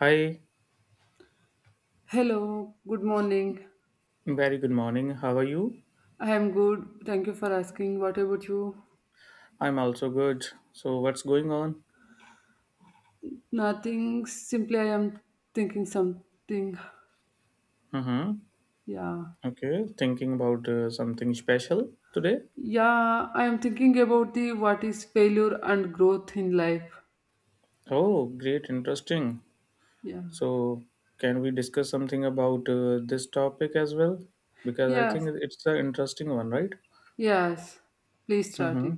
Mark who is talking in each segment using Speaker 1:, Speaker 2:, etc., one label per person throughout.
Speaker 1: Hi,
Speaker 2: Hello, good morning.
Speaker 1: very good morning. How are you?
Speaker 2: I am good. Thank you for asking. What about you?
Speaker 1: I'm also good. So, what's going on?
Speaker 2: Nothing. Simply, I am thinking something.
Speaker 1: Mm-hmm.
Speaker 2: Yeah.
Speaker 1: Okay, thinking about something special today.
Speaker 2: Yeah, I am thinking about the what is failure and growth in life.
Speaker 1: Oh, great, interesting.
Speaker 2: Yeah.
Speaker 1: So, can we discuss something about this topic as well? Because I think
Speaker 2: Yes.
Speaker 1: it's an interesting one, right?
Speaker 2: Yes. Please start
Speaker 1: Mm-hmm.
Speaker 2: it.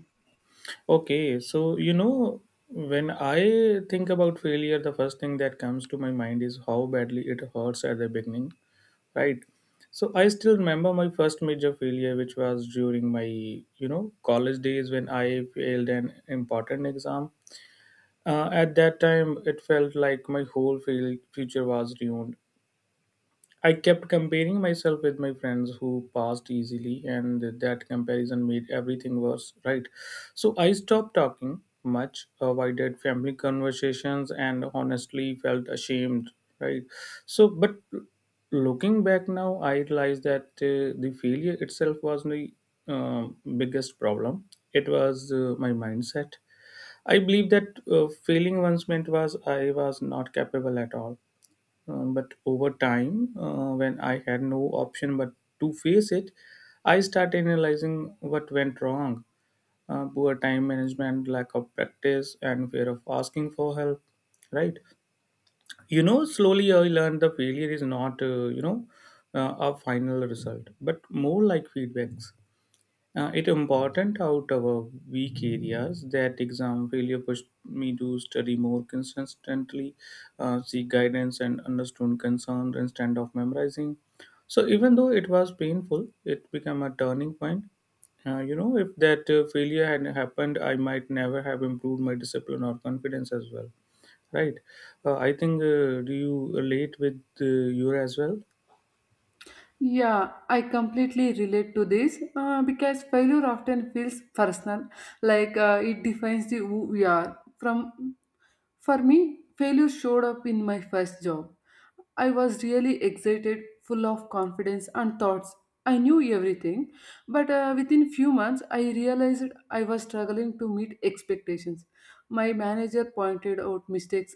Speaker 1: Okay, so when I think about failure, the first thing that comes to my mind is how badly it hurts at the beginning. Right, so I still remember my first major failure, which was during my college days when I failed an important exam. At that time it felt like my whole field future was ruined. I kept comparing myself with my friends who passed easily, and that comparison made everything worse, right? So I stopped talking much, avoided family conversations, and honestly felt ashamed, right? So, but looking back now, I realized that the failure itself was the biggest problem. It was my mindset. I believe that failing once meant was I was not capable at all. But over time, when I had no option but to face it, I started analyzing what went wrong. Poor time management, lack of practice, and fear of asking for help. Right? You know, slowly I learned the failure is not, a final result, but more like feedbacks. It important out of our weak areas that exam failure pushed me to study more consistently, seek guidance and understand concern instead of memorizing. So even though it was painful, it became a turning point. You know, if that failure had happened, I might never have improved my discipline or confidence as well. Right? I think do you relate with your as well?
Speaker 2: Yeah, I completely relate to this, because failure often feels personal, like, it defines the who we are. From For me, failure showed up in my first job. I was really excited, full of confidence and thoughts. I knew everything, but within few months I realized I was struggling to meet expectations. My manager pointed out mistakes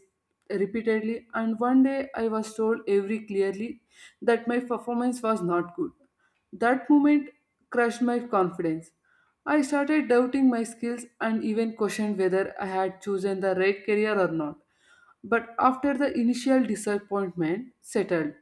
Speaker 2: repeatedly, and one day I was told very clearly that my performance was not good. That moment crushed my confidence. I started doubting my skills and even questioned whether I had chosen the right career or not. But after the initial disappointment settled,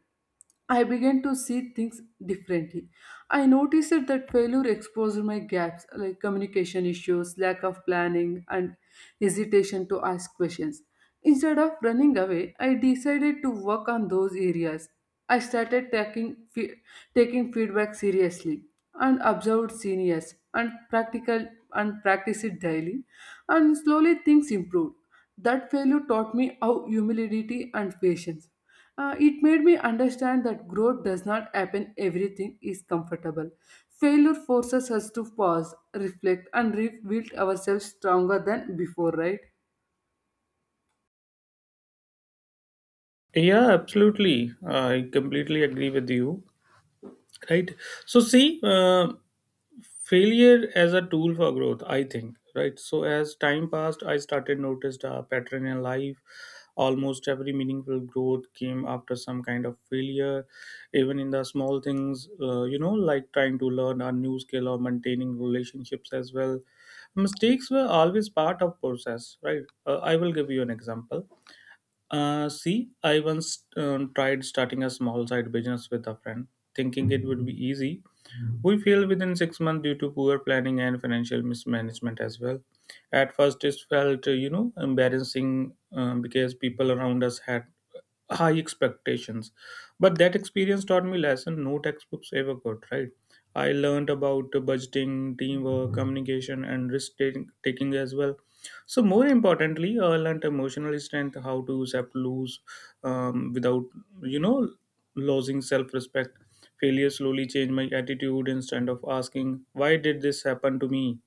Speaker 2: I began to see things differently. I noticed that failure exposed my gaps like communication issues, lack of planning, and hesitation to ask questions. Instead of running away, I decided to work on those areas. I started taking, fe- taking feedback seriously and observed seniors and practical and practiced it daily, and slowly things improved. That failure taught me how humility and patience. It made me understand that growth does not happen everything is comfortable. Failure forces us to pause, reflect, and rebuild ourselves stronger than before, right?
Speaker 1: Yeah, absolutely. I completely agree with you. Right, so see, failure as a tool for growth, I think, right? So as time passed, I started noticed a pattern in life. Almost every meaningful growth came after some kind of failure, even in the small things, you know, like trying to learn a new skill or maintaining relationships as well. Mistakes were always part of process, right? I will give you an example. See, I once tried starting a small side business with a friend, thinking it would be easy. We failed within 6 months due to poor planning and financial mismanagement as well. At first, it felt, you know, embarrassing, because people around us had high expectations, but that experience taught me lesson no textbooks ever could, right? I learned about budgeting, teamwork, communication, and risk taking as well. So more importantly, I learned emotional strength, how to accept lose without you know losing self-respect. Failure slowly changed my attitude. Instead of asking why did this happen to me,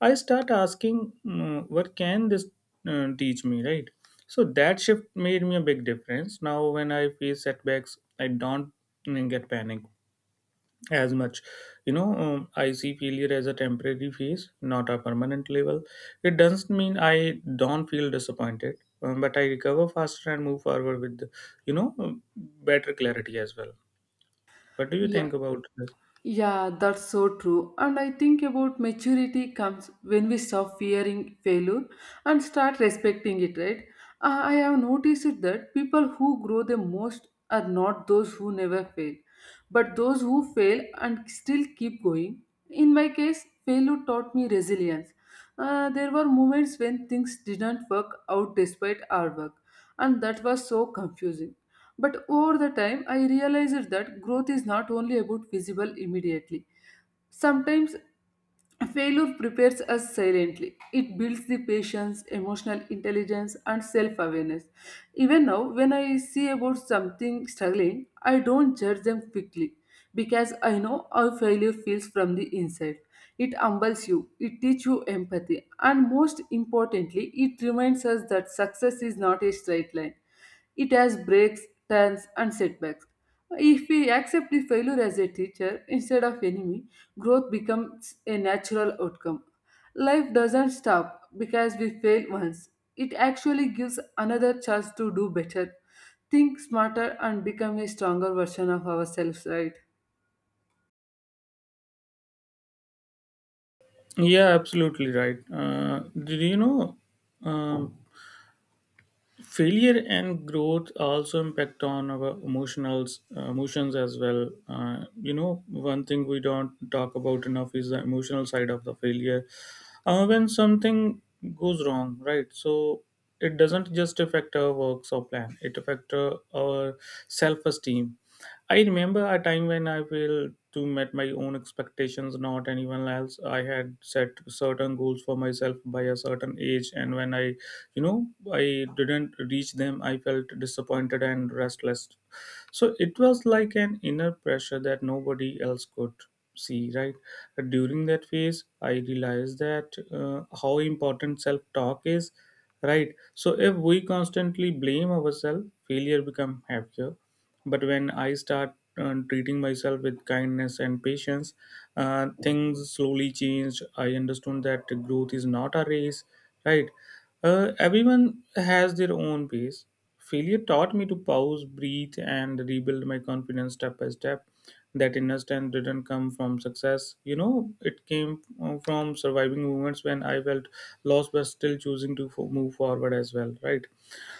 Speaker 1: I start asking, what can this teach me, right? So that shift made me a big difference. Now, when I face setbacks, I don't get panic as much. You know, I see failure as a temporary phase, not a permanent level. It doesn't mean I don't feel disappointed, but I recover faster and move forward with, better clarity as well. What do you
Speaker 2: Yeah.
Speaker 1: think about this?
Speaker 2: Yeah, that's so true. And I think about maturity comes when we stop fearing failure and start respecting it, right? I have noticed that people who grow the most are not those who never fail, but those who fail and still keep going. In my case, failure taught me resilience. There were moments when things didn't work out despite our work, and that was so confusing. But over the time, I realized that growth is not only about visible immediately. Sometimes failure prepares us silently. It builds the patience, emotional intelligence, and self awareness. Even now, when I see about something struggling, I don't judge them quickly because I know how failure feels from the inside. It humbles you, it teaches you empathy, and most importantly, it reminds us that success is not a straight line. It has breaks, turns, and setbacks. If we accept the failure as a teacher instead of enemy, growth becomes a natural outcome. Life doesn't stop because we fail once. It actually gives another chance to do better, think smarter, and become a stronger version of ourselves, right?
Speaker 1: Yeah, absolutely right. Did you know? Um, Failure and growth also impact on our emotionals, emotions as well. uh, you know One thing we don't talk about enough is the emotional side of the failure. When something goes wrong, right, so it doesn't just affect our works or plan, it affects, our self-esteem. I remember a time when I failed to met my own expectations, not anyone else. I had set certain goals for myself by a certain age, and when I, you know I didn't reach them, I felt disappointed and restless. So it was like an inner pressure that nobody else could see, right? During that phase I realized that, how important self talk is, right? So if we constantly blame ourselves, failure become heavier. But when I start treating myself with kindness and patience, things slowly changed. I understood that growth is not a race, right? Everyone has their own pace. Failure taught me to pause, breathe, and rebuild my confidence step by step. That inner strength didn't come from success, you know, it came from surviving moments when I felt lost but still choosing to move forward as well, right?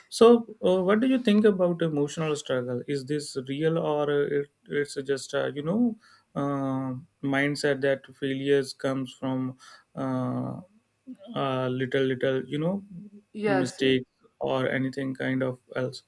Speaker 1: So, what do you think about emotional struggle? Is this real, or it's just, uh, mindset that failures comes from, uh, little you know,
Speaker 2: Yes, yes.
Speaker 1: mistakes or anything kind of else?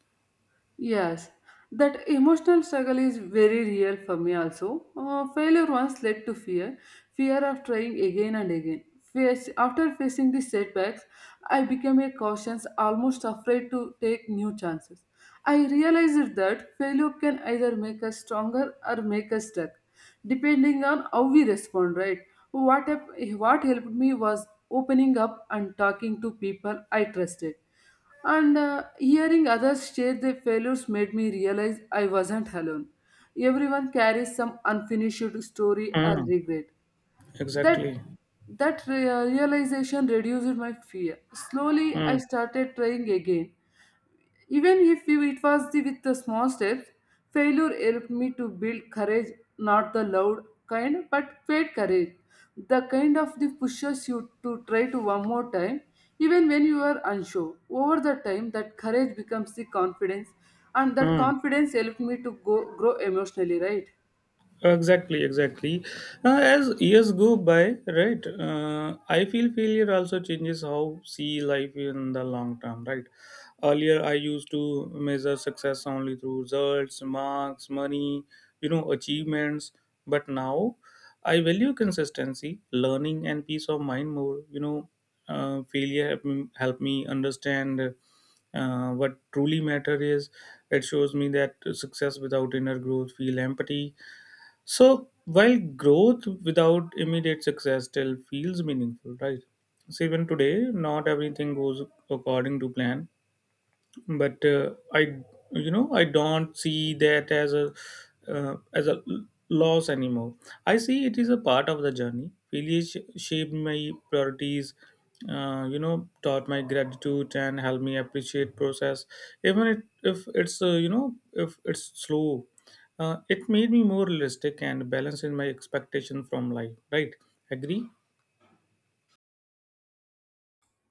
Speaker 2: Yes, that emotional struggle is very real for me also. Failure once led to fear, fear of trying again and again. After facing these setbacks, I became a cautious, almost afraid to take new chances. I realized that failure can either make us stronger or make us stuck, depending on how we respond, right? What, hap- what helped me was opening up and talking to people I trusted, and hearing others share their failures made me realize I wasn't alone. Everyone carries some unfinished story or
Speaker 1: Hmm,
Speaker 2: regret. That
Speaker 1: exactly.
Speaker 2: that realization reduced my fear. Slowly,
Speaker 1: Hmm,
Speaker 2: I started trying again, even if it was with the small steps, failure helped me to build courage, not the loud kind, but paid courage. The kind of the pushes you to try to one more time, even when you are unsure. Over the time, that courage becomes the confidence, and that
Speaker 1: hmm.
Speaker 2: confidence helped me to go grow emotionally, right?
Speaker 1: Exactly, exactly. As years go by, right, I feel failure also changes how see life in the long term, right? Earlier, I used to measure success only through results, marks, money, you know, achievements. But now, I value consistency, learning, and peace of mind more. You know, help me understand what truly matter is. It shows me that success without inner growth feel empty, so while growth without immediate success still feels meaningful, right? So even today, not everything goes according to plan, but I you know I don't see that as a, loss anymore. I see it is a part of the journey. Failure shaped my priorities, taught my gratitude and helped me appreciate process, even if it's, if it's slow. It made me more realistic and balanced in my expectation from life, right? Agree.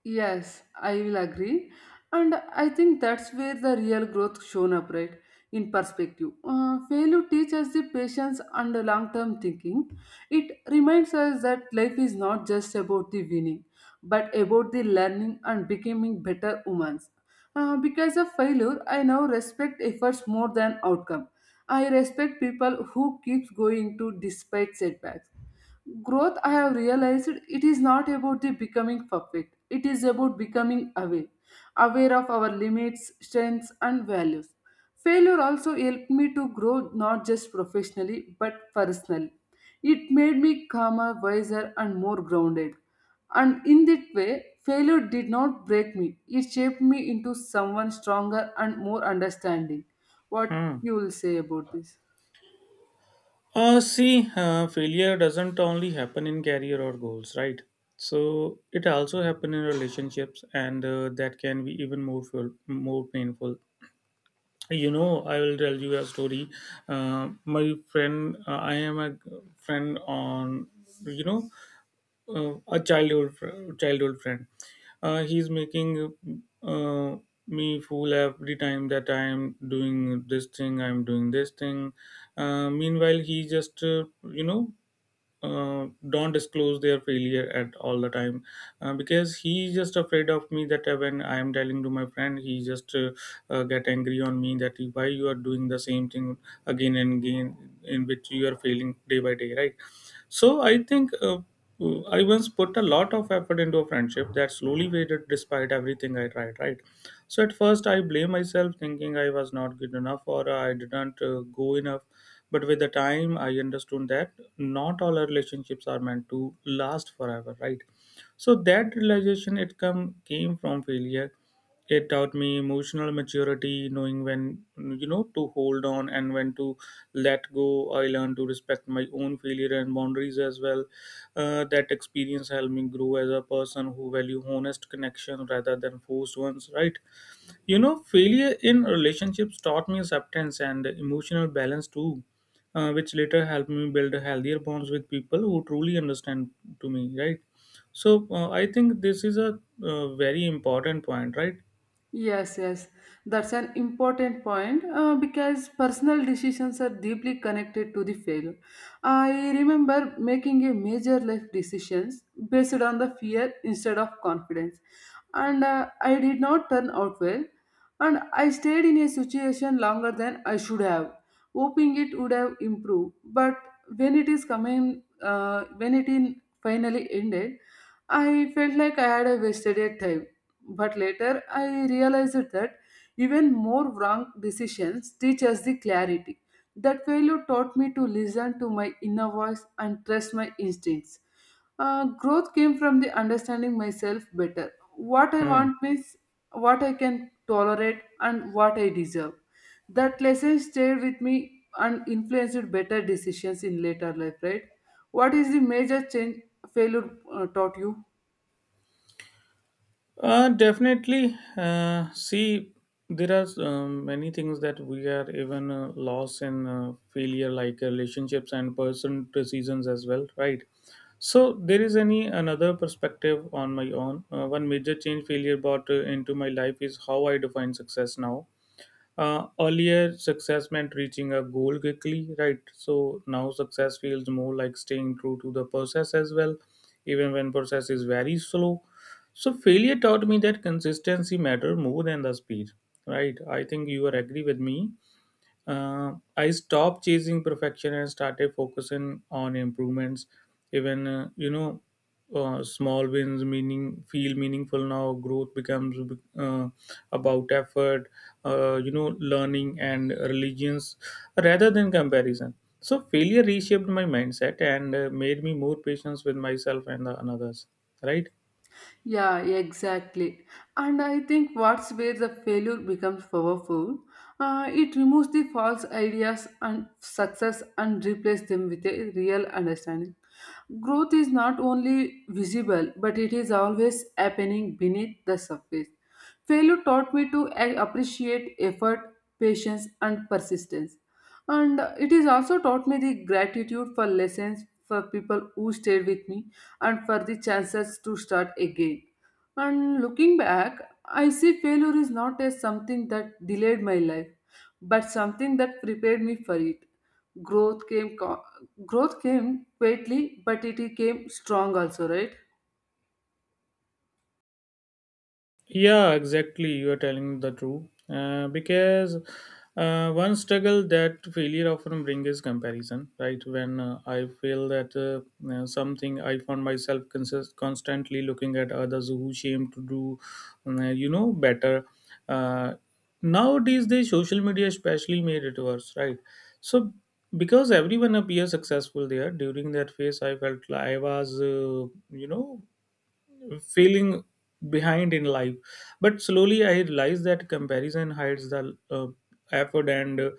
Speaker 2: Yes, I will agree. And I think that's where the real growth shown up, right? In perspective. Failure teaches the patience and the long-term thinking. It reminds us that life is not just about the winning, but about the learning and becoming better humans. Because of failure, I now respect efforts more than outcome. I respect people who keeps going to despite setbacks. Growth, I have realized, it is not about the becoming perfect, it is about becoming aware, aware of our limits, strengths, and values. Failure also helped me to grow, not just professionally but personally. It made me calmer, wiser, and more grounded, and in that way, failure did not break me, it shaped me into someone stronger and more understanding. What
Speaker 1: Hmm.
Speaker 2: you will say about this?
Speaker 1: See, failure doesn't only happen in career or goals, right? So it also happen in relationships, and that can be even more full, more painful. You know, I will tell you a story. My friend, I am a friend on, you know, a childhood friend. He's making uh, me fool every time that I am doing this thing. I'm doing this thing. Meanwhile, he just, don't disclose their failure at all the time, because he's just afraid of me that, when I am telling to my friend, he just, get angry on me, that why you are doing the same thing again and again in which you are failing day by day, right? So I think, I once put a lot of effort into a friendship that slowly faded despite everything I tried, right? So at first I blame myself, thinking I was not good enough or I didn't, go enough. But with the time, I understood that not all our relationships are meant to last forever, right? So that realization it come came from failure. It taught me emotional maturity, knowing when, you know, to hold on and when to let go. I learned to respect my own failure and boundaries as well. That experience helped me grow as a person who value honest connection rather than forced ones, right? You know, failure in relationships taught me acceptance and emotional balance too, which later helped me build healthier bonds with people who truly understand to me, right? So I think this is a very important point, right?
Speaker 2: Yes, yes, that's an important point, because personal decisions are deeply connected to the failure. I remember making a major life decisions based on the fear instead of confidence, and I did not turn out well, and I stayed in a situation longer than I should have, hoping it would have improved. But when it is coming, when it in finally ended, I felt like I had a wasted a time, but later I realized that even more wrong decisions teach us the clarity. That failure taught me to listen to my inner voice and trust my instincts. Growth came from the understanding myself better. What I
Speaker 1: Hmm.
Speaker 2: want means what I can tolerate and what I deserve. That lesson stayed with me and influenced better decisions in later life, right? What is the major change failure taught you?
Speaker 1: Definitely. See, there are many things that we are even lost in failure, like relationships and person decisions as well, right? So there is any another perspective on my own. One major change failure brought into my life is how I define success now. Earlier success meant reaching a goal quickly, right? So now success feels more like staying true to the process as well, even when process is very slow. So failure taught me that consistency matter more than the speed, right? I think you are agree with me. I stopped chasing perfection and started focusing on improvements. Even, small wins meaning feel meaningful now. Growth becomes, uh, about effort. You know, learning and religions rather than comparison. So failure reshaped my mindset and made me more patient with myself and the others. Right.
Speaker 2: Yeah, exactly. And I think what's where the failure becomes powerful. It removes the false ideas and success and replaces them with a real understanding. Growth is not only visible, but it is always happening beneath the surface. Failure taught me to a- appreciate effort, patience, and persistence. And it is also taught me the gratitude for lessons, for people who stayed with me, and for the chances to start again. And looking back, I see failure is not as something that delayed my life, but something that prepared me for it. Growth came, co- Growth came quietly, but it came strong also, right?
Speaker 1: Yeah, exactly. You are telling the truth. Because one struggle that failure often brings is comparison, right? When, I feel that, something, I found myself constantly looking at others who seem to do, you know, better. Uh, Nowadays, the social media especially made it worse, right? So because everyone appears successful there during that phase, I felt like I was, you know, feeling behind in life. But slowly I realized that comparison hides the effort and uh,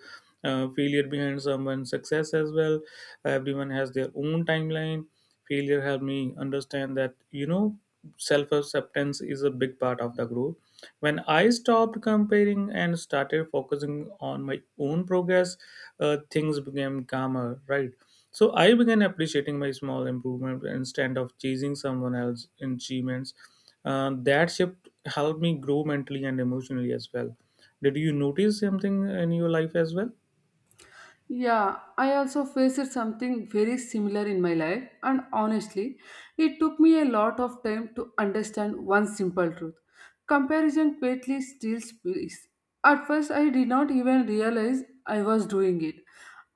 Speaker 1: uh, failure behind someone's success as well. Everyone has their own timeline. Failure helped me understand that self acceptance is a big part of the growth. When I stopped comparing and started focusing on my own progress, things became calmer, right? So I began appreciating my small improvement instead of chasing someone else's achievements. That shift helped me grow mentally and emotionally as well. Did you notice something in your life as well?
Speaker 2: Yeah, I also faced something very similar in my life, and honestly, it took me a lot of time to understand one simple truth. Comparison greatly steals peace. At first, I did not even realize I was doing it.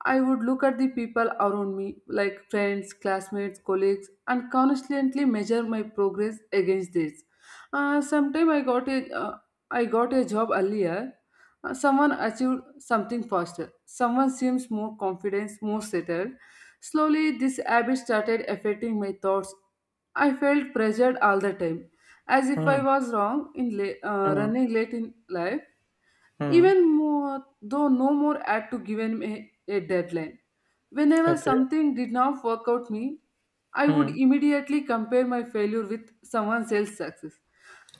Speaker 2: I would look at the people around me, like friends, classmates, colleagues, and constantly measure my progress against this. Sometime I got a job earlier. Uh, Someone achieved something faster. Someone seems more confident, more settled. Slowly, this habit started affecting my thoughts. I felt pressured all the time, as if
Speaker 1: Hmm.
Speaker 2: I was wrong in
Speaker 1: Hmm.
Speaker 2: running late in life,
Speaker 1: Hmm.
Speaker 2: even more, though no more had to give me a deadline. Whenever
Speaker 1: Okay.
Speaker 2: something did not work out me, I would
Speaker 1: Hmm.
Speaker 2: immediately compare my failure with someone else's success.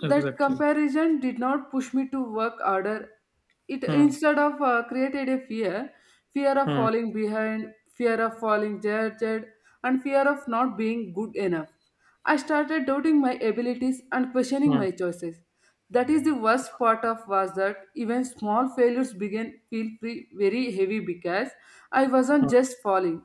Speaker 2: That
Speaker 1: Exactly.
Speaker 2: comparison did not push me to work harder. It
Speaker 1: Hmm.
Speaker 2: instead of created a fear, fear of
Speaker 1: Hmm.
Speaker 2: falling behind, fear of falling judged, and fear of not being good enough. I started doubting my abilities and questioning
Speaker 1: Hmm.
Speaker 2: my choices. That is the worst part of was that even small failures began feel free, very heavy because I
Speaker 1: Hmm.
Speaker 2: wasn't just falling.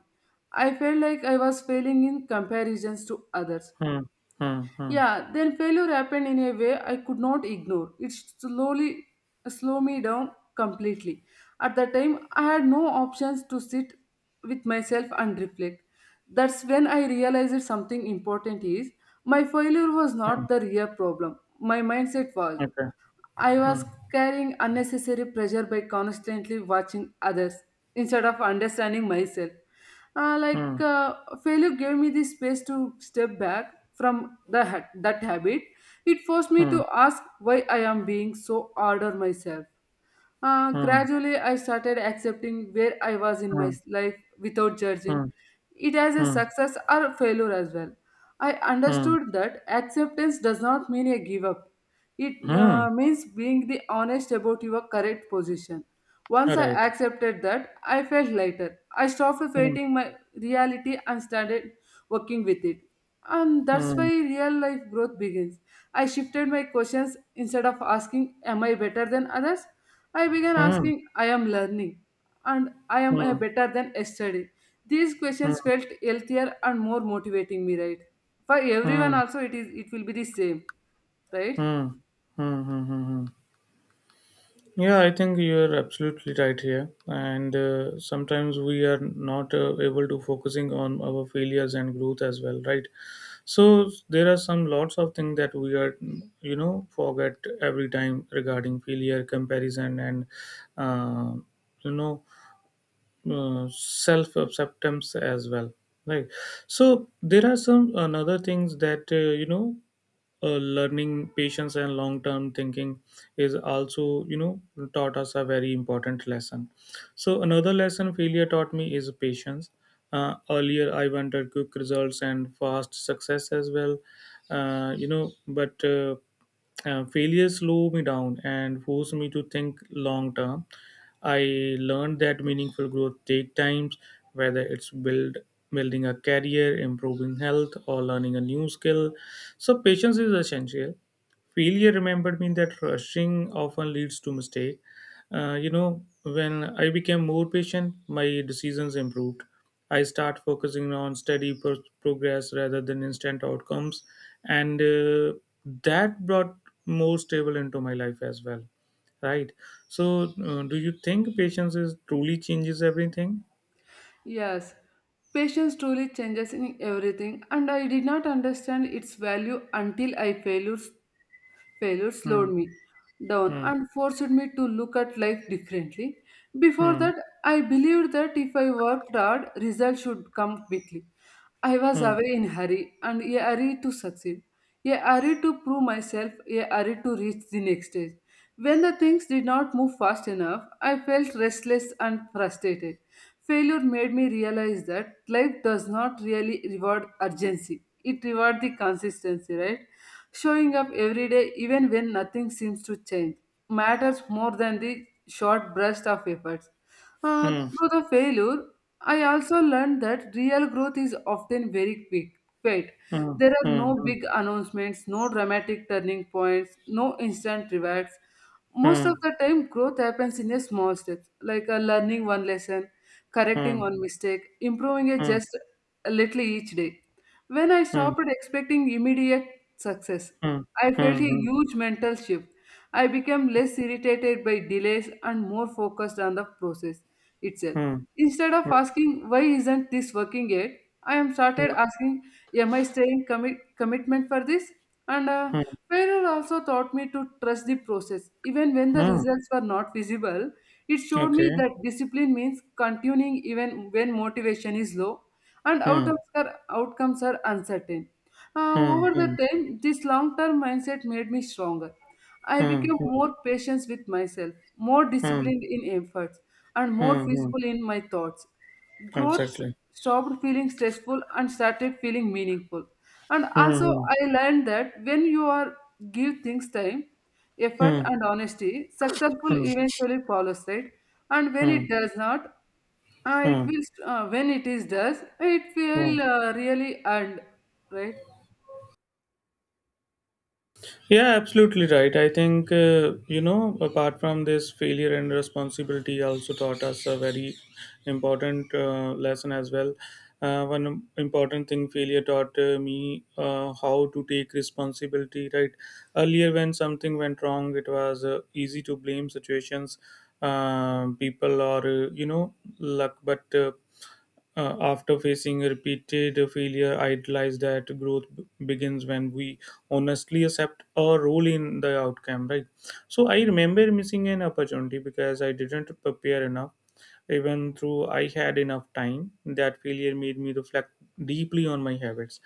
Speaker 2: I felt like I was failing in comparisons to others.
Speaker 1: Hmm. Hmm. Hmm.
Speaker 2: Yeah, then failure happened in a way I could not ignore. It slowly slowed me down completely. At the time, I had no options to sit with myself and reflect. That's when I realized something important is my failure was
Speaker 1: Hmm.
Speaker 2: not the real problem. My mindset was.
Speaker 1: Okay.
Speaker 2: I
Speaker 1: Hmm.
Speaker 2: was carrying unnecessary pressure by constantly watching others instead of understanding myself. Uh, like
Speaker 1: Hmm.
Speaker 2: uh, Failure gave me the space to step back from that habit. It forced
Speaker 1: Hmm.
Speaker 2: me
Speaker 1: Hmm.
Speaker 2: to ask why I am being so hard on myself.
Speaker 1: Hmm.
Speaker 2: Gradually, I started accepting where I was in my
Speaker 1: Hmm.
Speaker 2: life without judging
Speaker 1: Hmm.
Speaker 2: it as a
Speaker 1: Hmm.
Speaker 2: success or failure as well. I
Speaker 1: Hmm.
Speaker 2: understood that acceptance does not mean a give up. It
Speaker 1: Mm.
Speaker 2: uh, means being the honest about your correct position. Once I
Speaker 1: Right.
Speaker 2: accepted that, I felt lighter. I stopped
Speaker 1: Hmm.
Speaker 2: fighting my reality and started working with it. And that's why
Speaker 1: Hmm.
Speaker 2: real life growth begins. I shifted my questions instead of asking, am I better than others? I began
Speaker 1: Hmm.
Speaker 2: asking, I am learning and I am a
Speaker 1: Hmm.
Speaker 2: better than yesterday. These
Speaker 1: Hmm.
Speaker 2: questions felt healthier and more motivating me, right? For
Speaker 1: Hmm.
Speaker 2: everyone
Speaker 1: Hmm.
Speaker 2: also it is it will be the same, right?
Speaker 1: Hmm. Hmm. Mm. Yeah, I think you're absolutely right here. And sometimes we are not able to focusing on our failures and growth as well, right? So there are some lots of things that we are, forget every time regarding failure, comparison, and uh, you know self acceptance as well, right. So there are some another things that you know learning patience and long term thinking is also taught us a very important lesson. So another lesson failure taught me is patience. Earlier, I wanted quick results and fast success as well. But failure slowed me down and forced me to think long term. I learned that meaningful growth take times, whether it's building a career, improving health, or learning a new skill. So patience is essential. Failure remembered me that rushing often leads to mistake. When I became more patient, my decisions improved. I start focusing on steady progress rather than instant outcomes, and that brought more stable into my life as well. Right. So, do you think patience is truly changes everything?
Speaker 2: Yes, patience truly changes in everything, and I did not understand its value until I failures failure
Speaker 1: Hmm.
Speaker 2: slowed me down
Speaker 1: Hmm.
Speaker 2: and forced me to look at life differently. Before
Speaker 1: Hmm.
Speaker 2: that, I believed that if I worked hard, results should come quickly. I was
Speaker 1: Hmm.
Speaker 2: away in hurry and a hurry to succeed, a hurry to prove myself, a hurry to reach the next stage. When the things did not move fast enough, I felt restless and frustrated. Failure made me realize that life does not really reward urgency. It rewards the consistency, right? Showing up every day even when nothing seems to change matters more than the short burst of efforts.
Speaker 1: Hmm.
Speaker 2: Through the failure, I also learned that real growth is often very quick. Wait, there are
Speaker 1: Hmm.
Speaker 2: no big announcements, no dramatic turning points, no instant rewards. Most of
Speaker 1: Hmm.
Speaker 2: the time, growth happens in a small steps, like learning one lesson, correcting
Speaker 1: Hmm.
Speaker 2: one mistake, improving it
Speaker 1: Hmm.
Speaker 2: just a little each day. When I
Speaker 1: Hmm. Hmm. Hmm.
Speaker 2: stopped expecting immediate success,
Speaker 1: Hmm.
Speaker 2: I felt a
Speaker 1: Hmm.
Speaker 2: huge mental shift. I became less irritated by delays and more focused on the process itself. Instead of
Speaker 1: Hmm.
Speaker 2: asking, why isn't this working yet? I am
Speaker 1: Hmm.
Speaker 2: started asking, am I staying commitment for this? And
Speaker 1: Hmm.
Speaker 2: Failure also taught me to trust the process. Even when the
Speaker 1: Hmm.
Speaker 2: results were not visible, it showed me
Speaker 1: Okay.
Speaker 2: that discipline means continuing even when motivation is low and
Speaker 1: Hmm.
Speaker 2: outcomes are uncertain.
Speaker 1: Hmm.
Speaker 2: Over the
Speaker 1: Hmm.
Speaker 2: time, this long term mindset made me stronger. I
Speaker 1: Hmm.
Speaker 2: became more patient with myself, more
Speaker 1: Hmm. Hmm.
Speaker 2: disciplined in efforts, and more
Speaker 1: Hmm. Hmm.
Speaker 2: peaceful in my thoughts. Growth
Speaker 1: Exactly.
Speaker 2: stopped feeling stressful and started feeling meaningful. And also,
Speaker 1: Hmm.
Speaker 2: I learned that when you are give things time, effort,
Speaker 1: Hmm.
Speaker 2: and honesty, successful
Speaker 1: Hmm.
Speaker 2: eventually follows. Right? And when
Speaker 1: Hmm.
Speaker 2: it does not
Speaker 1: Hmm.
Speaker 2: it
Speaker 1: Hmm.
Speaker 2: will when it is does it
Speaker 1: Hmm.
Speaker 2: will really end right.
Speaker 1: Yeah, absolutely right. I think, apart from this, failure and responsibility also taught us a very important lesson as well. One important thing failure taught me how to take responsibility, right? Earlier, when something went wrong, it was easy to blame situations, people, or, luck. But after facing repeated failure, I realized that growth begins when we honestly accept a role in the outcome, right? So I remember missing an opportunity because I didn't prepare enough. Even though I had enough time, that failure made me reflect deeply on my habits.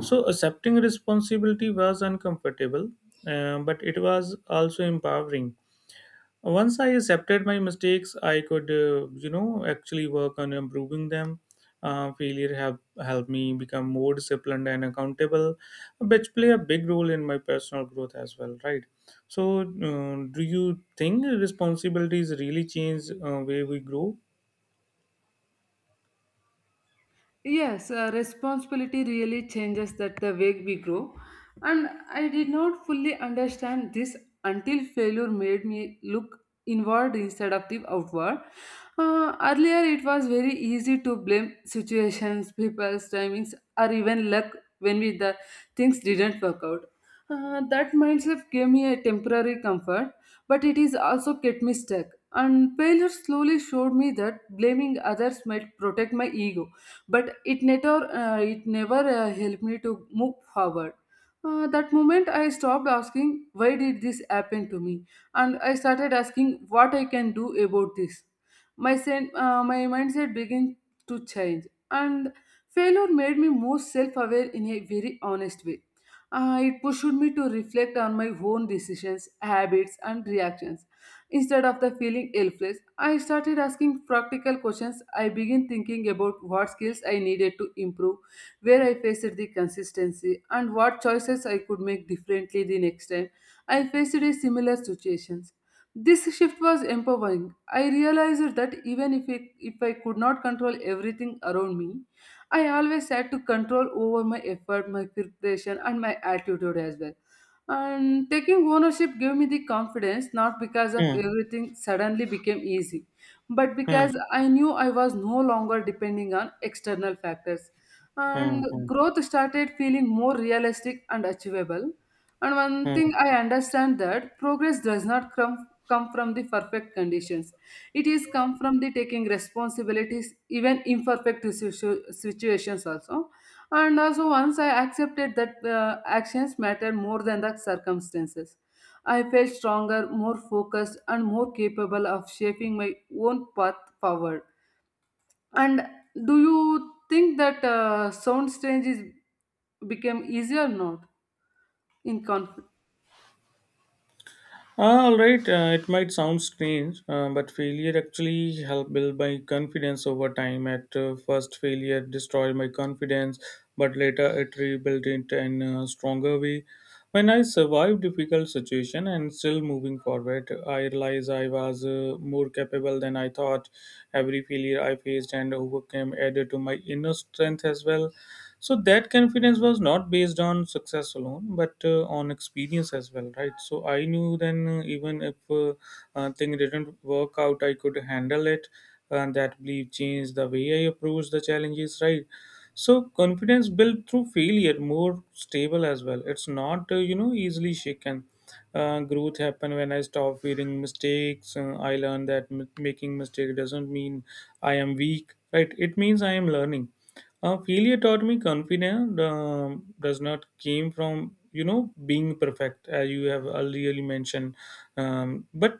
Speaker 1: So accepting responsibility was uncomfortable, but it was also empowering. Once I accepted my mistakes, I could, actually work on improving them. Failure have helped me become more disciplined and accountable, which play a big role in my personal growth as well, right? So, do you think responsibilities really change way we grow?
Speaker 2: Yes, responsibility really changes that the way we grow. And I did not fully understand this until failure made me look inward instead of the outward. Earlier, it was very easy to blame situations, people's timings, or even luck when we, the things didn't work out. That mindset gave me a temporary comfort, but it is also kept me stuck. And failure slowly showed me that blaming others might protect my ego but it never helped me to move forward. That moment I stopped asking why did this happen to me, and I started asking what I can do about this. My mindset began to change, and failure made me more self-aware in a very honest way. It pushed me to reflect on my own decisions habits and reactions. Instead of the feeling helpless, I started asking practical questions. I began thinking about what skills I needed to improve, where I faced the consistency, and what choices I could make differently the next time I faced a similar situations. This shift was empowering. I realized that even if, it, if I could not control everything around me, I always had to control over my effort, my preparation, and my attitude as well. And taking ownership gave me the confidence not because of
Speaker 1: Hmm,
Speaker 2: everything suddenly became easy, but
Speaker 1: hmm,
Speaker 2: because I knew I was no longer depending on external factors.
Speaker 1: hmm,
Speaker 2: And
Speaker 1: hmm,
Speaker 2: growth started feeling more realistic and achievable. And one
Speaker 1: hmm.
Speaker 2: thing I understand that progress does not come, come from the perfect conditions. It is come from the taking responsibilities, even imperfect situations also. And also, once I accepted that actions matter more than the circumstances, I felt stronger, more focused, and more capable of shaping my own path forward. And do you think that sound strange is became easier or not in conflict?
Speaker 1: Ah, all right, it might sound strange, but failure actually helped build my confidence over time. At first, failure destroyed my confidence, but later it rebuilt it in a stronger way. When I survived difficult situation and still moving forward, I realized I was more capable than I thought. Every failure I faced and overcame added to my inner strength as well. So that confidence was not based on success alone, but on experience as well, right. So I knew then, even if thing didn't work out, I could handle it. And that belief changed the way I approached the challenges, right. So confidence built through failure more stable as well, it's not easily shaken. Growth happened when I stopped fearing mistakes. I learned that making mistake doesn't mean I am weak, right, it means I am learning. Failure taught me confidence does not came from being perfect as you have earlier mentioned, but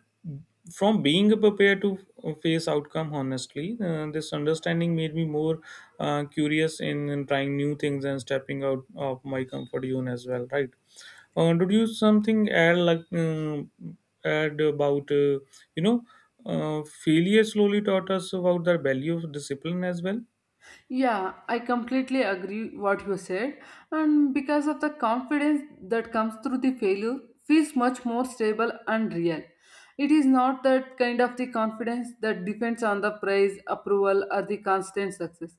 Speaker 1: from being prepared to face outcome honestly. This understanding made me more curious in trying new things and stepping out of my comfort zone as well. Right? Did you something add like add about you know failure slowly taught us about the value of discipline as well?
Speaker 2: Yeah, I completely agree what you said. And because of the confidence that comes through the failure feels much more stable and real. It is not that kind of the confidence that depends on the praise, approval, or the constant success.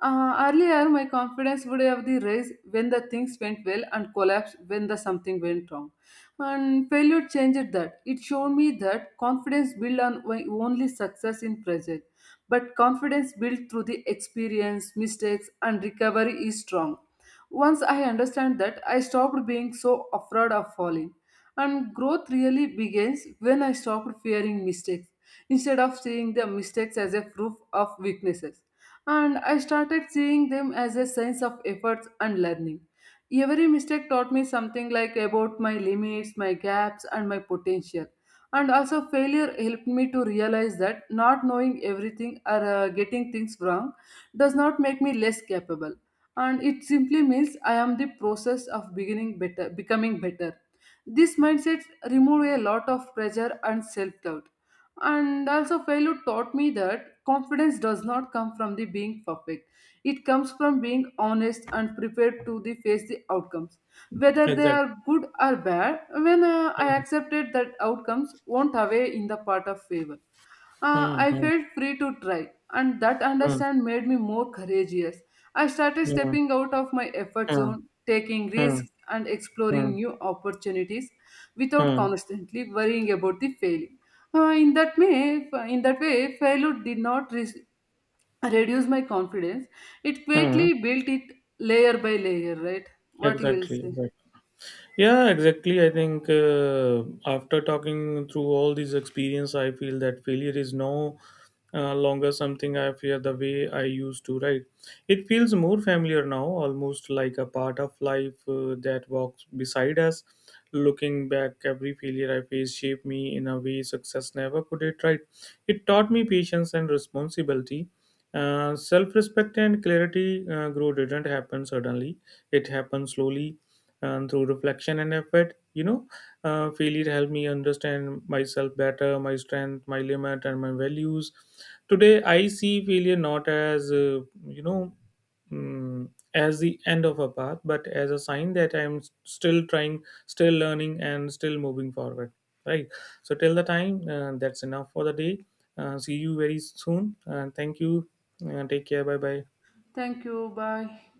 Speaker 2: Earlier, my confidence would have the rise when the things went well and collapse when the something went wrong. And failure changed that. It showed me that confidence built on only success in present but confidence built through the experience, mistakes, and recovery is strong. Once I understand that, I stopped being so afraid of falling. And growth really begins when I stopped fearing mistakes instead of seeing the mistakes as a proof of weaknesses. And I started seeing them as a signs of efforts and learning. Every mistake taught me something like about my limits, my gaps, and my potential. And also, failure helped me to realize that not knowing everything or getting things wrong does not make me less capable. And it simply means I am the process of beginning better, becoming better. This mindset removed a lot of pressure and self doubt. And also, failure taught me that confidence does not come from the being perfect. It comes from being honest and prepared to the face the outcomes, whether they
Speaker 1: Exactly.
Speaker 2: are good or bad. When I accepted that outcomes won't away in the part of favor,
Speaker 1: Hmm,
Speaker 2: I
Speaker 1: hmm,
Speaker 2: felt free to try, and that
Speaker 1: hmm,
Speaker 2: understand made me more courageous. I started
Speaker 1: hmm,
Speaker 2: stepping out of my effort
Speaker 1: hmm,
Speaker 2: zone, taking
Speaker 1: hmm,
Speaker 2: risks, and
Speaker 1: hmm,
Speaker 2: exploring new opportunities without
Speaker 1: hmm,
Speaker 2: constantly worrying about the failing. Uh, in that way, in that way, failure did not reduce my confidence. It
Speaker 1: hmm.
Speaker 2: greatly built it layer by layer. Right? What you will
Speaker 1: Exactly,
Speaker 2: say?
Speaker 1: exactly. Yeah, exactly. I think after talking through all these experience, I feel that failure is no longer something I fear the way I used to write. It feels more familiar now, almost like a part of life that walks beside us. Looking back, every failure I faced shaped me in a way success never could it, right. It taught me patience and responsibility, self-respect and clarity. Grow didn't happen suddenly, it happened slowly and through reflection and effort. Failure helped me understand myself better, my strength, my limit, and my values. Today, I see failure not as, you know, mm, as the end of a path, but as a sign that I'm still trying, still learning, and still moving forward. Right. So, till the time, that's enough for the day. See you very soon. Thank you. Take care. Bye bye.
Speaker 2: Thank you. Bye.